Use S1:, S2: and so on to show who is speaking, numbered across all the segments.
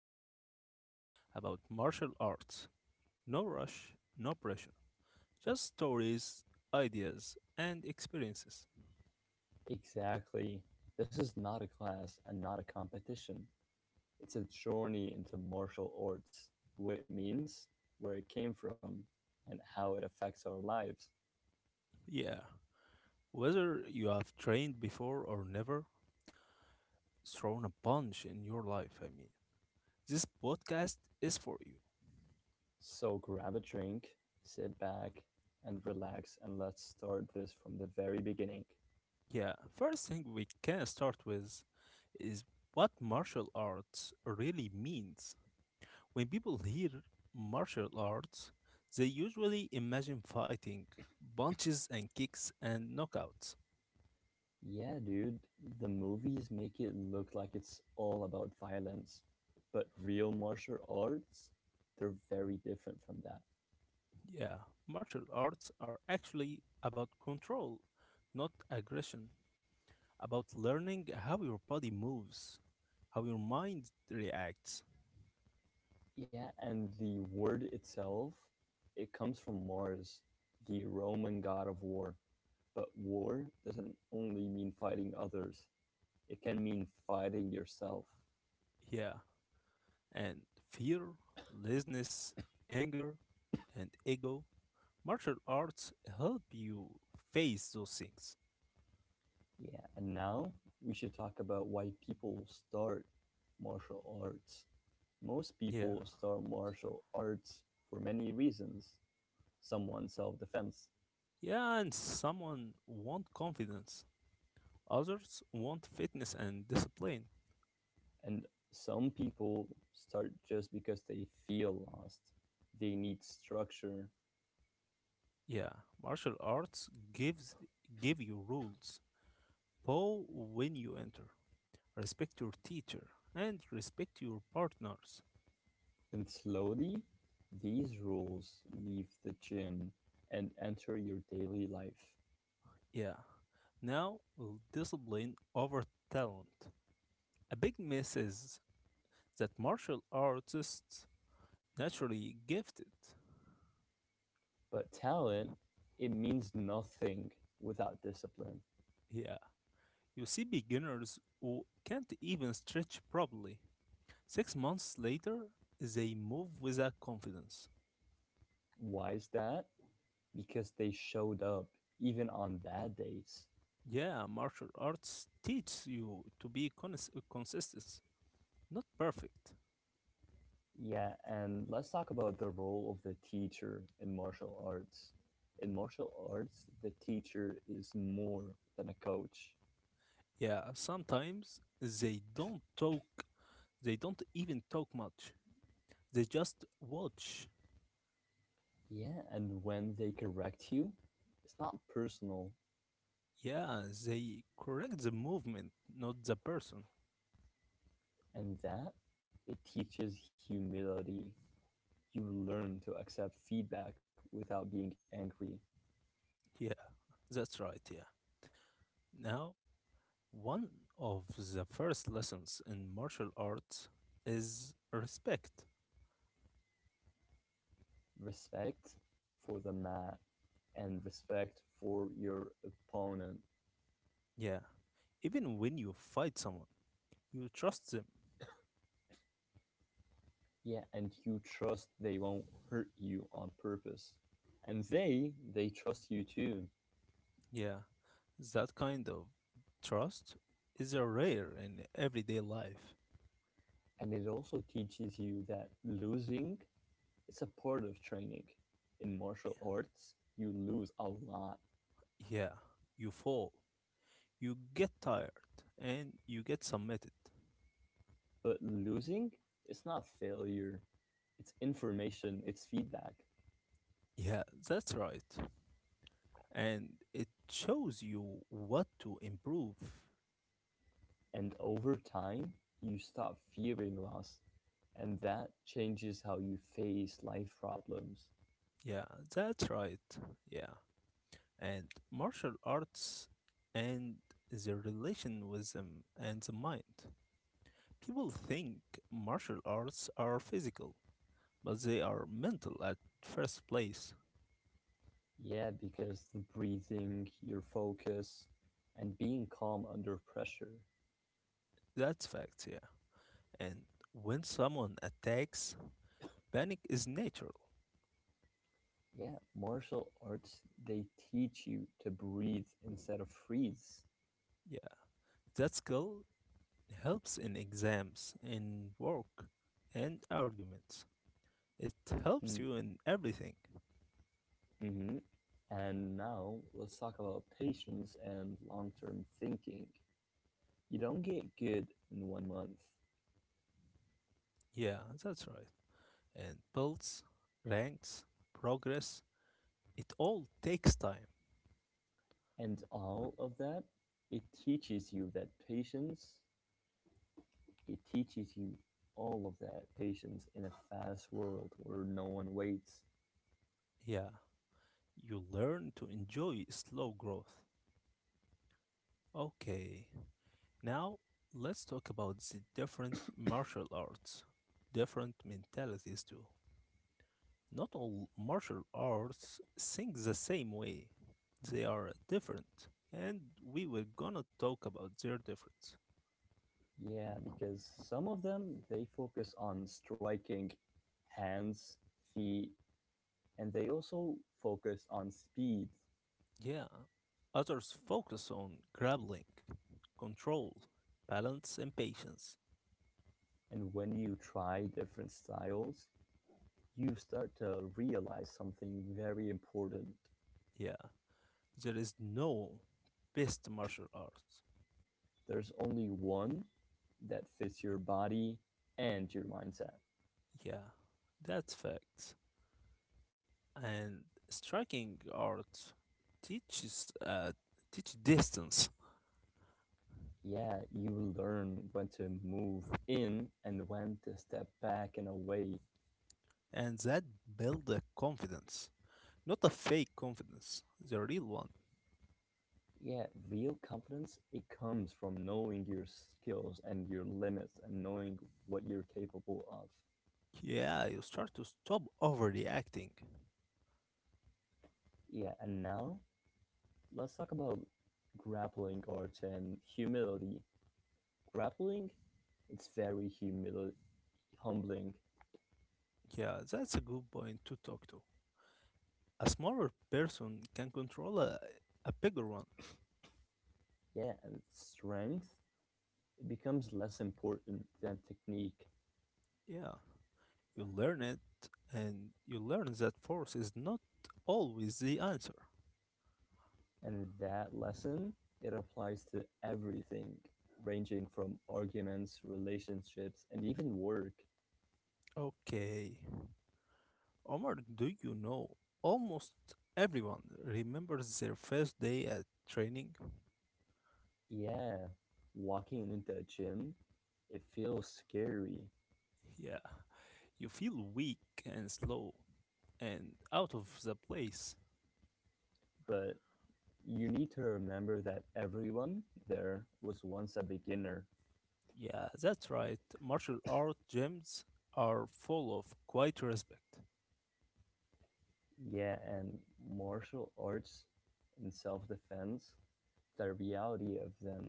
S1: conversation about martial arts. No rush, no pressure. Just stories, ideas, and experiences.
S2: Exactly. This is not a class and not a competition. It's a journey into martial arts, what it means, where it came from, and how it affects our lives.
S1: Yeah, whether you have trained before or never thrown a punch in your life, this podcast is for you.
S2: So grab a drink, sit back, and relax, and let's start this from the very beginning.
S1: Yeah, first thing we can start with is what martial arts really means. When people hear martial arts, they usually imagine fighting, punches and kicks and knockouts.
S2: Yeah, dude, the movies make it look like it's all about violence, but real martial arts, they're very different from that.
S1: Yeah, martial arts are actually about control, not aggression, about learning how your body moves, how your mind reacts.
S2: Yeah, and the word itself, it comes from Mars, the Roman god of war. But war doesn't only mean fighting others, it can mean fighting yourself.
S1: Yeah, and fear, laziness, anger, and ego. Martial arts help you face those things.
S2: Yeah, and now we should talk about why people start martial arts. Most
S1: Yeah.
S2: people start martial arts for many reasons. Some want self defense,
S1: Yeah, and someone want confidence, others want fitness and discipline.
S2: and some people start just because they feel lost. They need structure,
S1: Yeah, martial arts give you rules. Bow when you enter. Respect your teacher and respect your partners.
S2: and slowly these rules leave the gym and enter your daily life.
S1: Yeah. Now, discipline over talent. A big miss is that martial artists naturally gifted.
S2: But talent, it means nothing without discipline.
S1: Yeah. You see beginners who can't even stretch properly. 6 months later, they move with a confidence.
S2: Why is that? Because they showed up even on bad days.
S1: Yeah, martial arts teaches you to be consistent, not perfect.
S2: Yeah, and let's talk about the role of the teacher in martial arts. In martial arts, the teacher is more than a coach.
S1: Yeah, sometimes they don't talk, they don't even talk much. They just watch.
S2: Yeah, and when they correct you, it's not personal,
S1: Yeah, they correct the movement, not the person.
S2: and that it teaches humility. You learn to accept feedback without being angry,
S1: Yeah, that's right, yeah. Now, one of the first lessons in martial arts is respect.
S2: respect for the man, and respect for your opponent.
S1: Yeah. Even when you fight someone, you trust them.
S2: Yeah, and you trust they won't hurt you on purpose. And they trust you too.
S1: Yeah. That kind of trust is a rare in everyday life.
S2: And it also teaches you that losing is a part of training. In martial arts, you lose a lot,
S1: Yeah. You fall, you get tired, and you get submitted.
S2: but losing is not failure. It's information, it's feedback.
S1: Yeah, that's right. And it shows you what to improve.
S2: And over time, you stop fearing loss, and that changes how you face life problems.
S1: Yeah, that's right. Yeah. And martial arts and the relation with them and the mind. People think martial arts are physical, but they are mental at first place.
S2: Yeah, because the breathing, your focus, and being calm under pressure.
S1: That's facts, yeah. And when someone attacks, panic is natural.
S2: Yeah, martial arts, they teach you to breathe instead of freeze.
S1: Yeah. That skill helps in exams, in work, and arguments. It helps you
S2: Mm.
S1: in everything.
S2: Mm-hmm. And now let's talk about patience and long term thinking. You don't get good in one month.
S1: Yeah, that's right. And builds, ranks, progress. It all takes time.
S2: And all of that, it teaches you that patience, it teaches you all of that patience in a fast world where no one waits.
S1: Yeah. You learn to enjoy slow growth. Okay, now, let's talk about the different martial arts, different mentalities too. Not all martial arts think the same way. They are different, and we were gonna talk about their difference.
S2: Yeah, because some of them, they focus on striking hands, feet, and they also focus on speed.
S1: Yeah, others focus on grappling, control, balance, and patience.
S2: And when you try different styles, you start to realize something very important.
S1: Yeah, there is no best martial art.
S2: There's only one that fits your body and your mindset.
S1: Yeah, that's fact. And striking art teaches teach distance,
S2: Yeah, you will learn when to move in and when to step back and away.
S1: and that build a confidence, not a fake confidence, the real one.
S2: Yeah, real confidence, it comes from knowing your skills and your limits and knowing what you're capable of.
S1: Yeah, you start to stop overreacting.
S2: Yeah, and now let's talk about grappling arts and humility. Grappling, it's very humbling.
S1: Yeah, that's a good point to talk to. A smaller person can control a bigger one.
S2: Yeah, and strength, it becomes less important than technique.
S1: Yeah, you learn it, and you learn that force is not always the answer.
S2: And that lesson, it applies to everything, ranging from arguments, relationships, and even work.
S1: Okay, Omar, do you know almost everyone remembers their first day at training?
S2: Yeah, walking into a gym, it feels scary,
S1: Yeah, you feel weak and slow and out of the place.
S2: but you need to remember that everyone there was once a beginner.
S1: Yeah, that's right. Martial art gyms are full of quiet respect.
S2: Yeah, and martial arts and self defense, the reality of them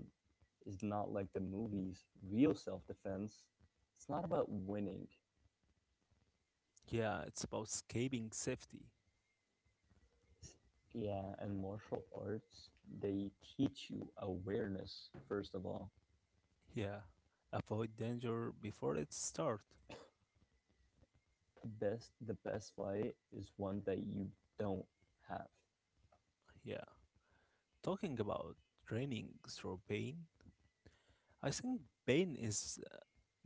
S2: is not like the movies. Real self defense, it's not about winning.
S1: Yeah, it's about escaping safety.
S2: Yeah, and martial arts, they teach you awareness, first of all.
S1: Yeah, avoid danger before it starts.
S2: Best the best fight is one that you don't have.
S1: Yeah, talking about training through pain, I think pain is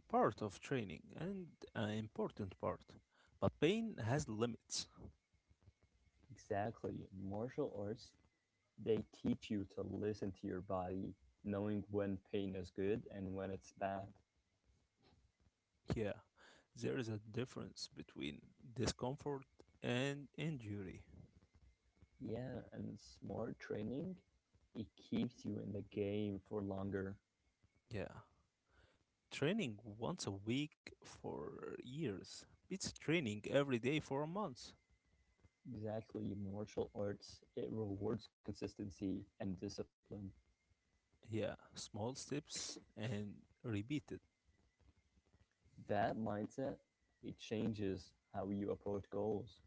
S1: part of training and an important part. But pain has limits.
S2: Exactly. Martial arts, they teach you to listen to your body, knowing when pain is good and when it's bad.
S1: Yeah, there is a difference between discomfort and injury.
S2: Yeah, and smart training, it keeps you in the game for longer.
S1: Yeah, training once a week for years beats training every day for a month.
S2: Exactly. Martial arts, it rewards consistency and discipline.
S1: Yeah, small steps and repeated.
S2: That mindset, it changes how you approach goals.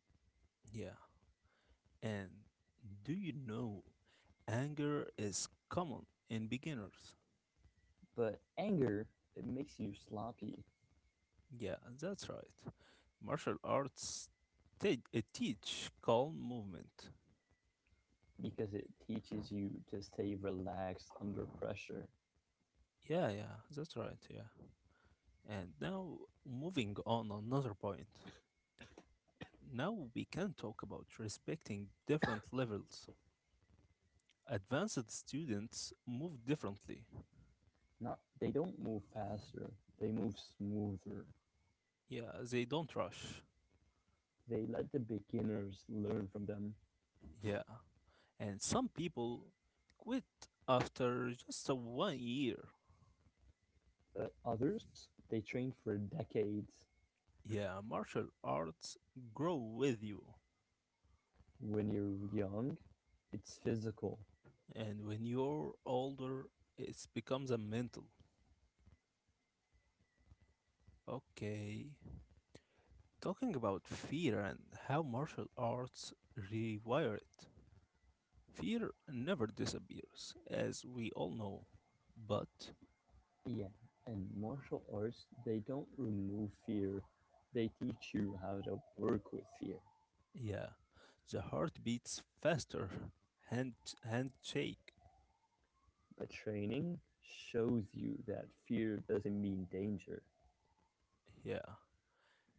S1: Yeah, and do you know anger is common in beginners?
S2: But anger, it makes you sloppy,
S1: Yeah, that's right. Martial arts teach calm movement.
S2: because it teaches you to stay relaxed under pressure.
S1: Yeah, yeah, that's right. Yeah. And now moving on another point. Now we can talk about respecting different levels. Advanced students move differently.
S2: Not, they don't move faster, they move smoother.
S1: Yeah, they don't rush.
S2: They let the beginners learn from them.
S1: Yeah. And some people quit after just a 1 year.
S2: But others, they train for decades.
S1: Yeah, martial arts grow with you.
S2: When you're young, it's physical.
S1: And when you're older, it becomes a mental. Okay, talking about fear and how martial arts rewire it. Fear never disappears, as we all know, but
S2: Yeah, and martial arts, they don't remove fear, they teach you how to work with fear.
S1: yeah, the heart beats faster, hand handshake,
S2: A training shows you that fear doesn't mean danger.
S1: yeah,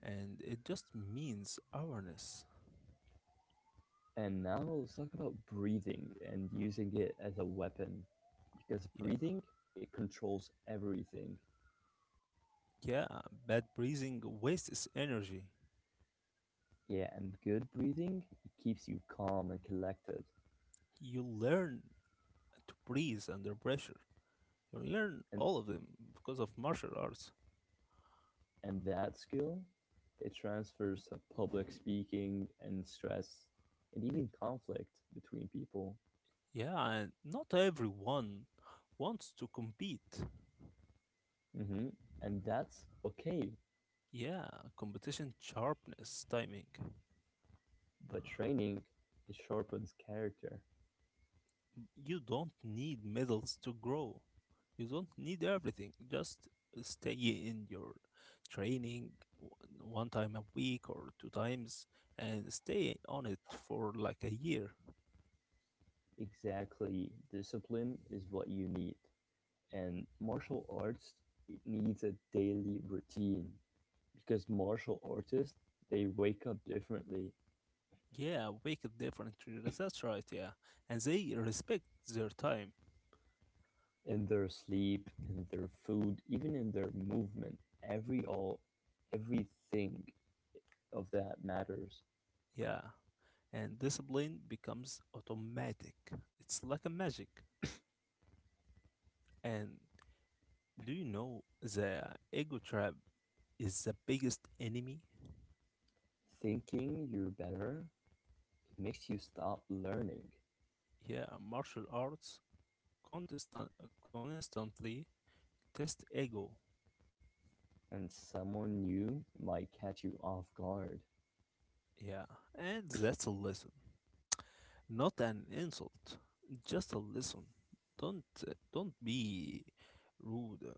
S1: and it just means awareness.
S2: And now let's talk about breathing and using it as a weapon. Because
S1: Yeah,
S2: breathing, it controls everything.
S1: yeah, bad breathing wastes energy.
S2: Yeah, and good breathing, it keeps you calm and collected.
S1: You learn to breathe under pressure. You learn
S2: And
S1: all of them because of martial arts.
S2: and that skill, it transfers to public speaking and stress and even conflict between people.
S1: Yeah, and not everyone wants to compete.
S2: Hmm. And that's okay,
S1: Yeah, competition sharpness, timing.
S2: but training, it sharpens character.
S1: You don't need medals to grow. You don't need everything. Just stay in your training w- one time a week or two times and stay on it for like a year.
S2: Exactly. Discipline is what you need. And martial arts, it needs a daily routine, because martial artists, they wake up differently
S1: Yeah, make a difference. That's right. Yeah, and they respect their time.
S2: in their sleep, in their food, even in their movement. Every all everything of that matters.
S1: Yeah, and discipline becomes automatic. It's like a magic. And do you know the ego trap is the biggest enemy?
S2: Thinking you're better, it makes you stop learning,
S1: Yeah, martial arts contestant constantly test ego.
S2: and someone new might catch you off guard.
S1: Yeah, and that's a lesson, not an insult, just a lesson. Don't be rude. Or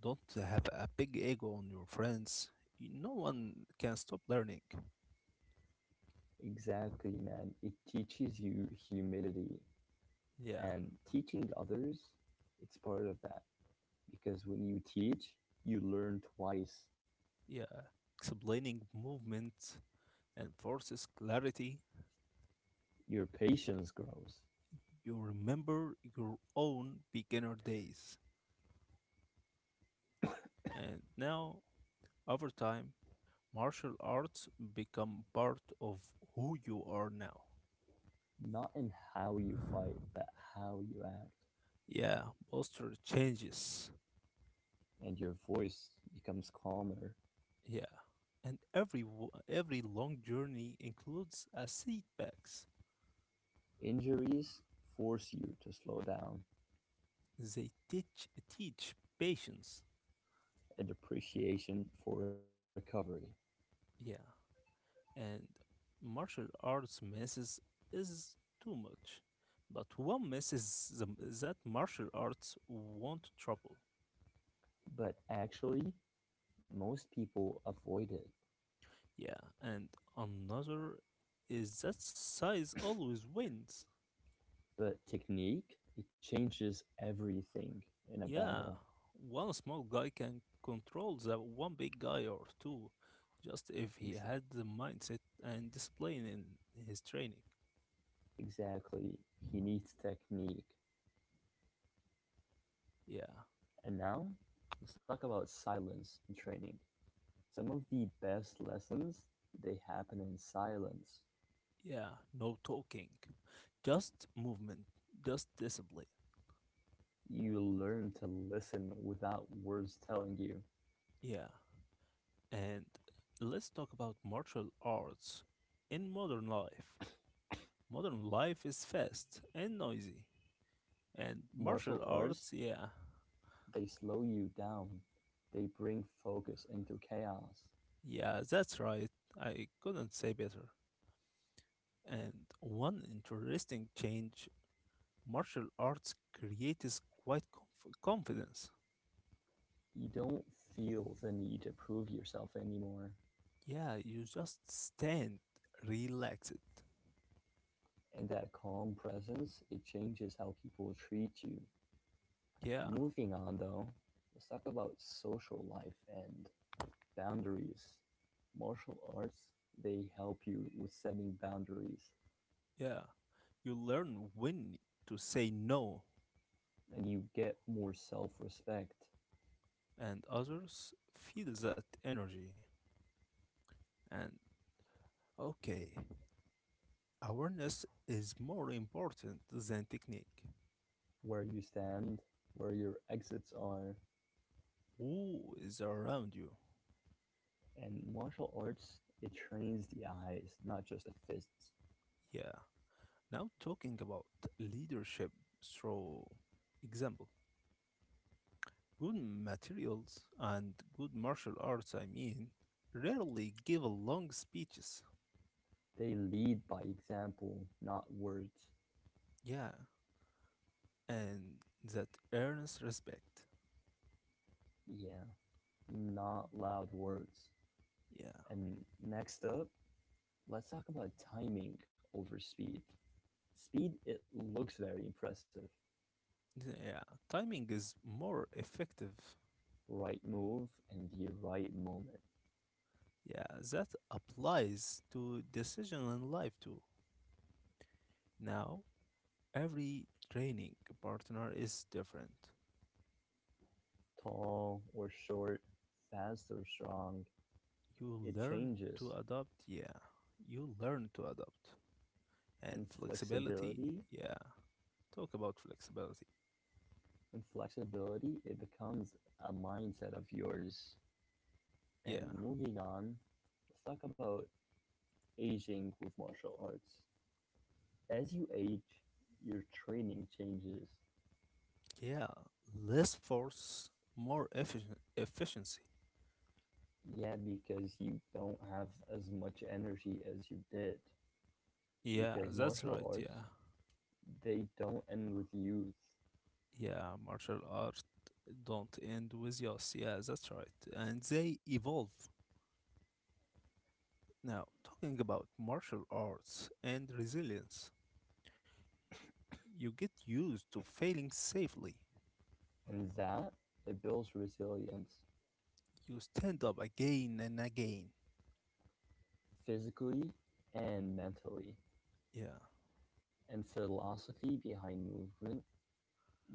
S1: don't have a big ego on your friends. No one can stop learning.
S2: Exactly, man. It teaches you humility,
S1: Yeah.
S2: and teaching others, it's part of that, because when you teach, you learn twice.
S1: Yeah, explaining movements and forces clarity.
S2: Your patience grows,
S1: You remember your own beginner days. And now, over time, martial arts become part of who you are now.
S2: not in how you fight but how you act.
S1: Yeah, posture changes.
S2: And your voice becomes calmer.
S1: Yeah. And every every long journey includes a setbacks.
S2: Injuries force you to slow down,
S1: They teach patience.
S2: and appreciation for recovery.
S1: Yeah. And martial arts misses is too much. But one misses the, that martial arts won't trouble.
S2: But actually, most people avoid it.
S1: Yeah, and another is that size always wins.
S2: But technique, it changes everything in a
S1: Yeah,
S2: battle.
S1: one small guy can control the one big guy or two, just if
S2: Ex-
S1: he had the mindset and discipline in his training.
S2: exactly. He needs technique.
S1: Yeah,
S2: And now, let's talk about silence in training. Some of the best lessons, they happen in silence.
S1: yeah, no talking, just movement, just discipline.
S2: You learn to listen without words telling you.
S1: Yeah, and let's talk about martial arts in modern life. Modern life is fast and noisy. And martial
S2: Martial
S1: arts,
S2: arts,
S1: yeah.
S2: they slow you down. They bring focus into chaos.
S1: Yeah, that's right. I couldn't say better. And one interesting change martial arts creates quite confidence.
S2: You don't feel the need to prove yourself anymore.
S1: Yeah, you just stand relaxed.
S2: And that calm presence, it changes how people treat you.
S1: Yeah,
S2: Moving on though, let's talk about social life and boundaries. Martial arts, they help you with setting boundaries,
S1: yeah. You learn when to say no,
S2: and you get more self respect.
S1: and others feel that energy. And okay, awareness is more important than technique.
S2: Where you stand, where your exits are.
S1: Who is around you?
S2: And martial arts, it trains the eyes, not just the fists.
S1: Yeah. Now, talking about leadership through example, good materials and good martial arts, rarely give long speeches.
S2: They lead by example, not words.
S1: Yeah. And that earns respect.
S2: Yeah, not loud words.
S1: Yeah.
S2: And next up, let's talk about timing over speed. Speed, it looks very impressive.
S1: Yeah. Timing is more effective.
S2: Right move and the right moment.
S1: Yeah. That applies to decision in life too. Now, every training partner is different.
S2: Tall or short, fast or strong,
S1: You
S2: it
S1: learn to
S2: changes.
S1: adapt, yeah. You learn to adapt. And
S2: And
S1: flexibility,
S2: flexibility,
S1: yeah. Talk about flexibility.
S2: it becomes a mindset of yours.
S1: Yeah.
S2: And moving on, let's talk about aging with martial arts. As you age, your training changes.
S1: Yeah. Less force, more efficient efficiency.
S2: Yeah, because you don't have as much energy as you did.
S1: Yeah,
S2: Because
S1: that's right.
S2: martial
S1: Yeah.
S2: arts, they don't end with youth.
S1: Yeah, martial art don't end with yes. Yeah, that's right. And they evolve. Now, talking about martial arts and resilience, you get used to failing safely.
S2: And that it builds resilience,
S1: You stand up again and again.
S2: physically and mentally.
S1: Yeah,
S2: And philosophy behind movement,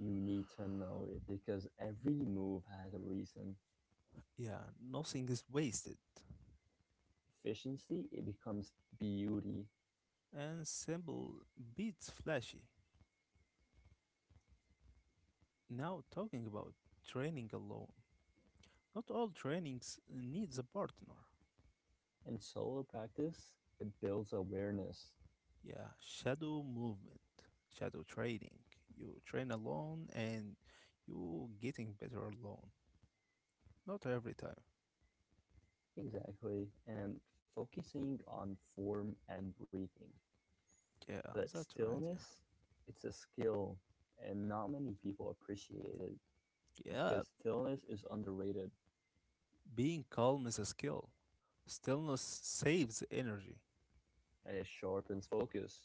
S2: you need to know it, because every move has a reason.
S1: yeah, nothing is wasted.
S2: Efficiency, it becomes beauty.
S1: And simple beats flashy. Now talking about training alone. Not all trainings needs a partner.
S2: And solo practice, it builds awareness.
S1: Yeah, shadow movement, shadow training. You train alone and you getting better alone. Not every time.
S2: Exactly. And focusing on form and breathing.
S1: Yeah,
S2: But
S1: that's right, yeah.
S2: stillness, it's a skill, and not many people appreciate it,
S1: Yeah,
S2: because stillness is underrated.
S1: being calm is a skill. Stillness saves energy.
S2: It sharpens focus.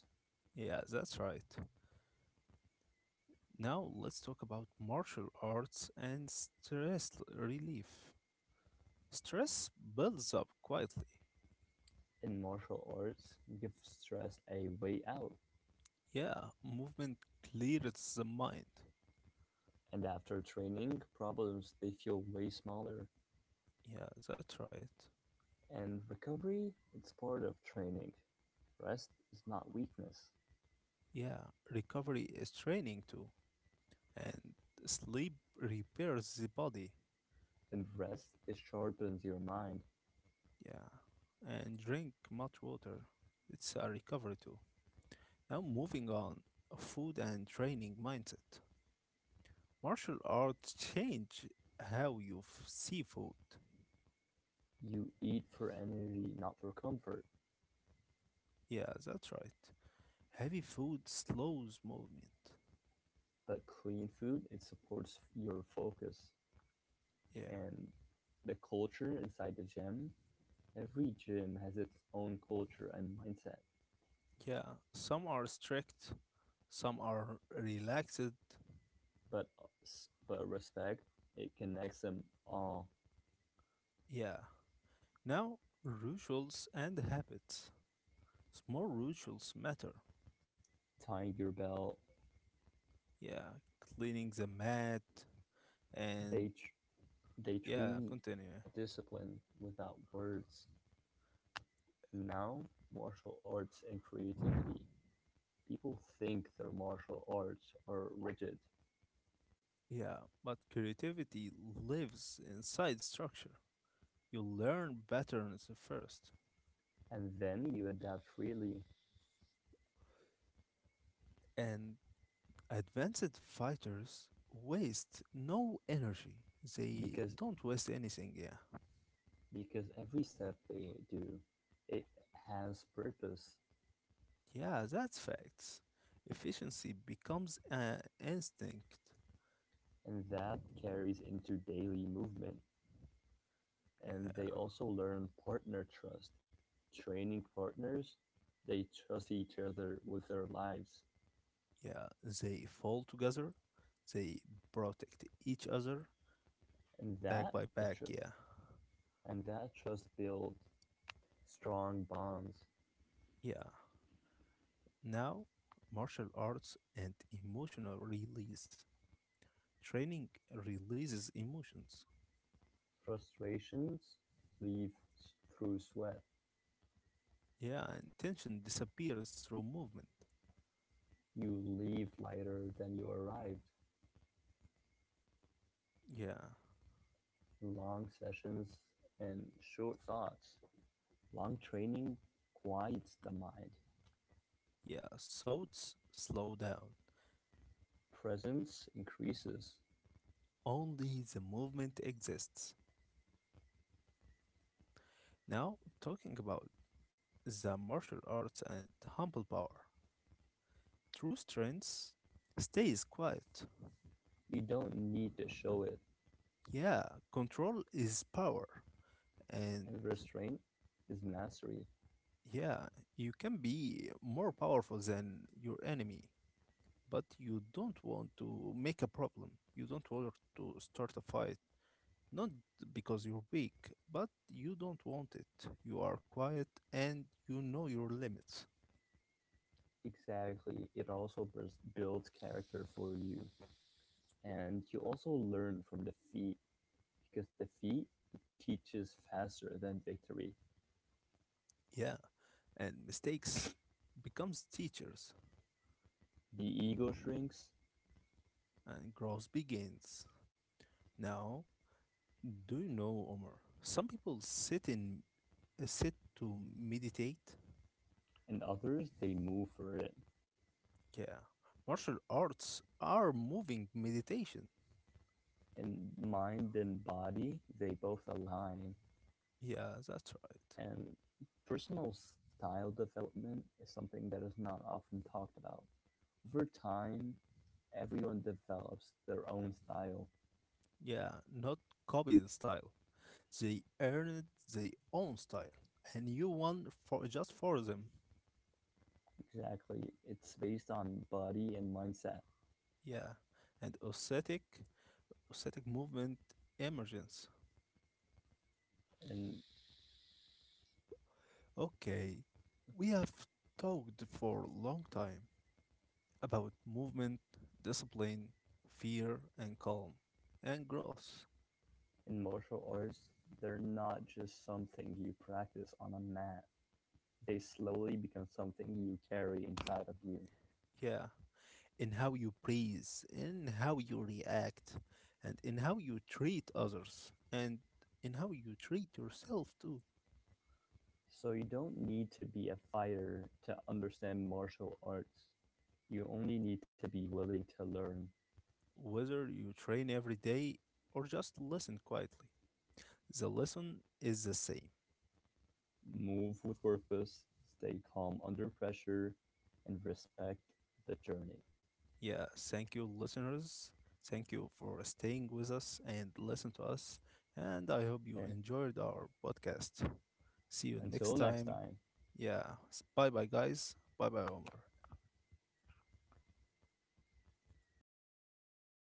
S1: Yeah, that's right. Now let's talk about martial arts and stress relief. Stress builds up quietly.
S2: In martial arts, give stress a way out,
S1: Yeah, movement clears the mind.
S2: and after training, problems they feel way smaller.
S1: Yeah, that's right.
S2: And recovery, it's part of training. Rest is not weakness,
S1: Yeah, recovery is training too. And sleep repairs the body.
S2: and rest, it sharpens your mind.
S1: Yeah, and drink much water. It's a recovery too. Now moving on, food and training mindset. Martial arts change how you see food.
S2: You eat for energy, not for comfort.
S1: Yeah, that's right. Heavy food slows movement.
S2: But clean food, it supports your focus.
S1: Yeah.
S2: And the culture inside the gym. Every gym has its own culture and mindset.
S1: Yeah. Some are strict, some are relaxed.
S2: but but respect, it connects them all,
S1: Yeah. Now, rituals and habits. Small rituals matter.
S2: tying your belt.
S1: Yeah. Cleaning the mat and
S2: They tr- they
S1: yeah,
S2: train
S1: continue.
S2: discipline without words. Now, martial arts and creativity. People think their martial arts are rigid,
S1: Yeah. But creativity lives inside structure. You learn patterns first,
S2: and then you adapt freely,
S1: and advanced fighters waste no energy. They
S2: because
S1: don't waste anything, yeah.
S2: because every step they do, it has purpose,
S1: Yeah, that's facts. Efficiency becomes an instinct.
S2: and that carries into daily movement. And they
S1: Uh,
S2: also learn partner trust, training partners. They trust each other with their lives,
S1: yeah, they fall together. They protect each other
S2: and
S1: back
S2: that
S1: by
S2: it
S1: back,
S2: tr-
S1: yeah.
S2: and that trust builds strong bonds.
S1: Yeah. Now, martial arts and emotional release. Training releases emotions.
S2: Frustrations leave through sweat.
S1: Yeah, and tension disappears through movement.
S2: You leave lighter than you arrived.
S1: Yeah.
S2: Long sessions and short thoughts. Long training quiets the mind.
S1: Yeah, thoughts slow down.
S2: Presence increases.
S1: Only the movement exists. Now, talking about the martial arts and humble power. True strength stays quiet.
S2: You don't need to show it,
S1: Yeah, control is power. And
S2: and restraint is mastery.
S1: yeah, you can be more powerful than your enemy, but you don't want to make a problem. You don't want to start a fight. Not because you're weak, but you don't want it. You are quiet and you know your limits.
S2: Exactly. It also builds character for you. And you also learn from defeat, because defeat teaches faster than victory.
S1: Yeah, and mistakes becomes teachers
S2: The ego shrinks,
S1: and growth begins. Now, do you know, Omar? Some people sit in sit to meditate.
S2: and others, they move for it.
S1: Yeah. Martial arts are moving meditation.
S2: And mind and body, they both align.
S1: Yeah, that's right.
S2: And personal style development is something that is not often talked about. Over time, everyone develops their own style.
S1: Yeah, not copy the style. They earned their own style, and you one for just for them.
S2: Exactly. It's based on body and mindset.
S1: Yeah, and Ossetic movement emergence.
S2: in
S1: Okay, we have talked for a long time about movement, discipline, fear, and calm, and growth.
S2: in martial arts, they're not just something you practice on a mat. They slowly become something you carry inside of you.
S1: Yeah, in how you breathe, in how you react, and in how you treat others, and in how you treat yourself too.
S2: So you don't need to be a fighter to understand martial arts. You only need to be willing to learn,
S1: Whether you train every day or just listen quietly. The lesson is the same.
S2: move with purpose, stay calm under pressure, and respect the journey.
S1: Yeah, thank you, listeners. Thank you for staying with us and listen to us. And I hope
S2: Eh,
S1: you enjoyed our podcast. See you
S2: Until
S1: next
S2: next
S1: time.
S2: time.
S1: Yeah, bye bye, guys. Bye bye, Omar.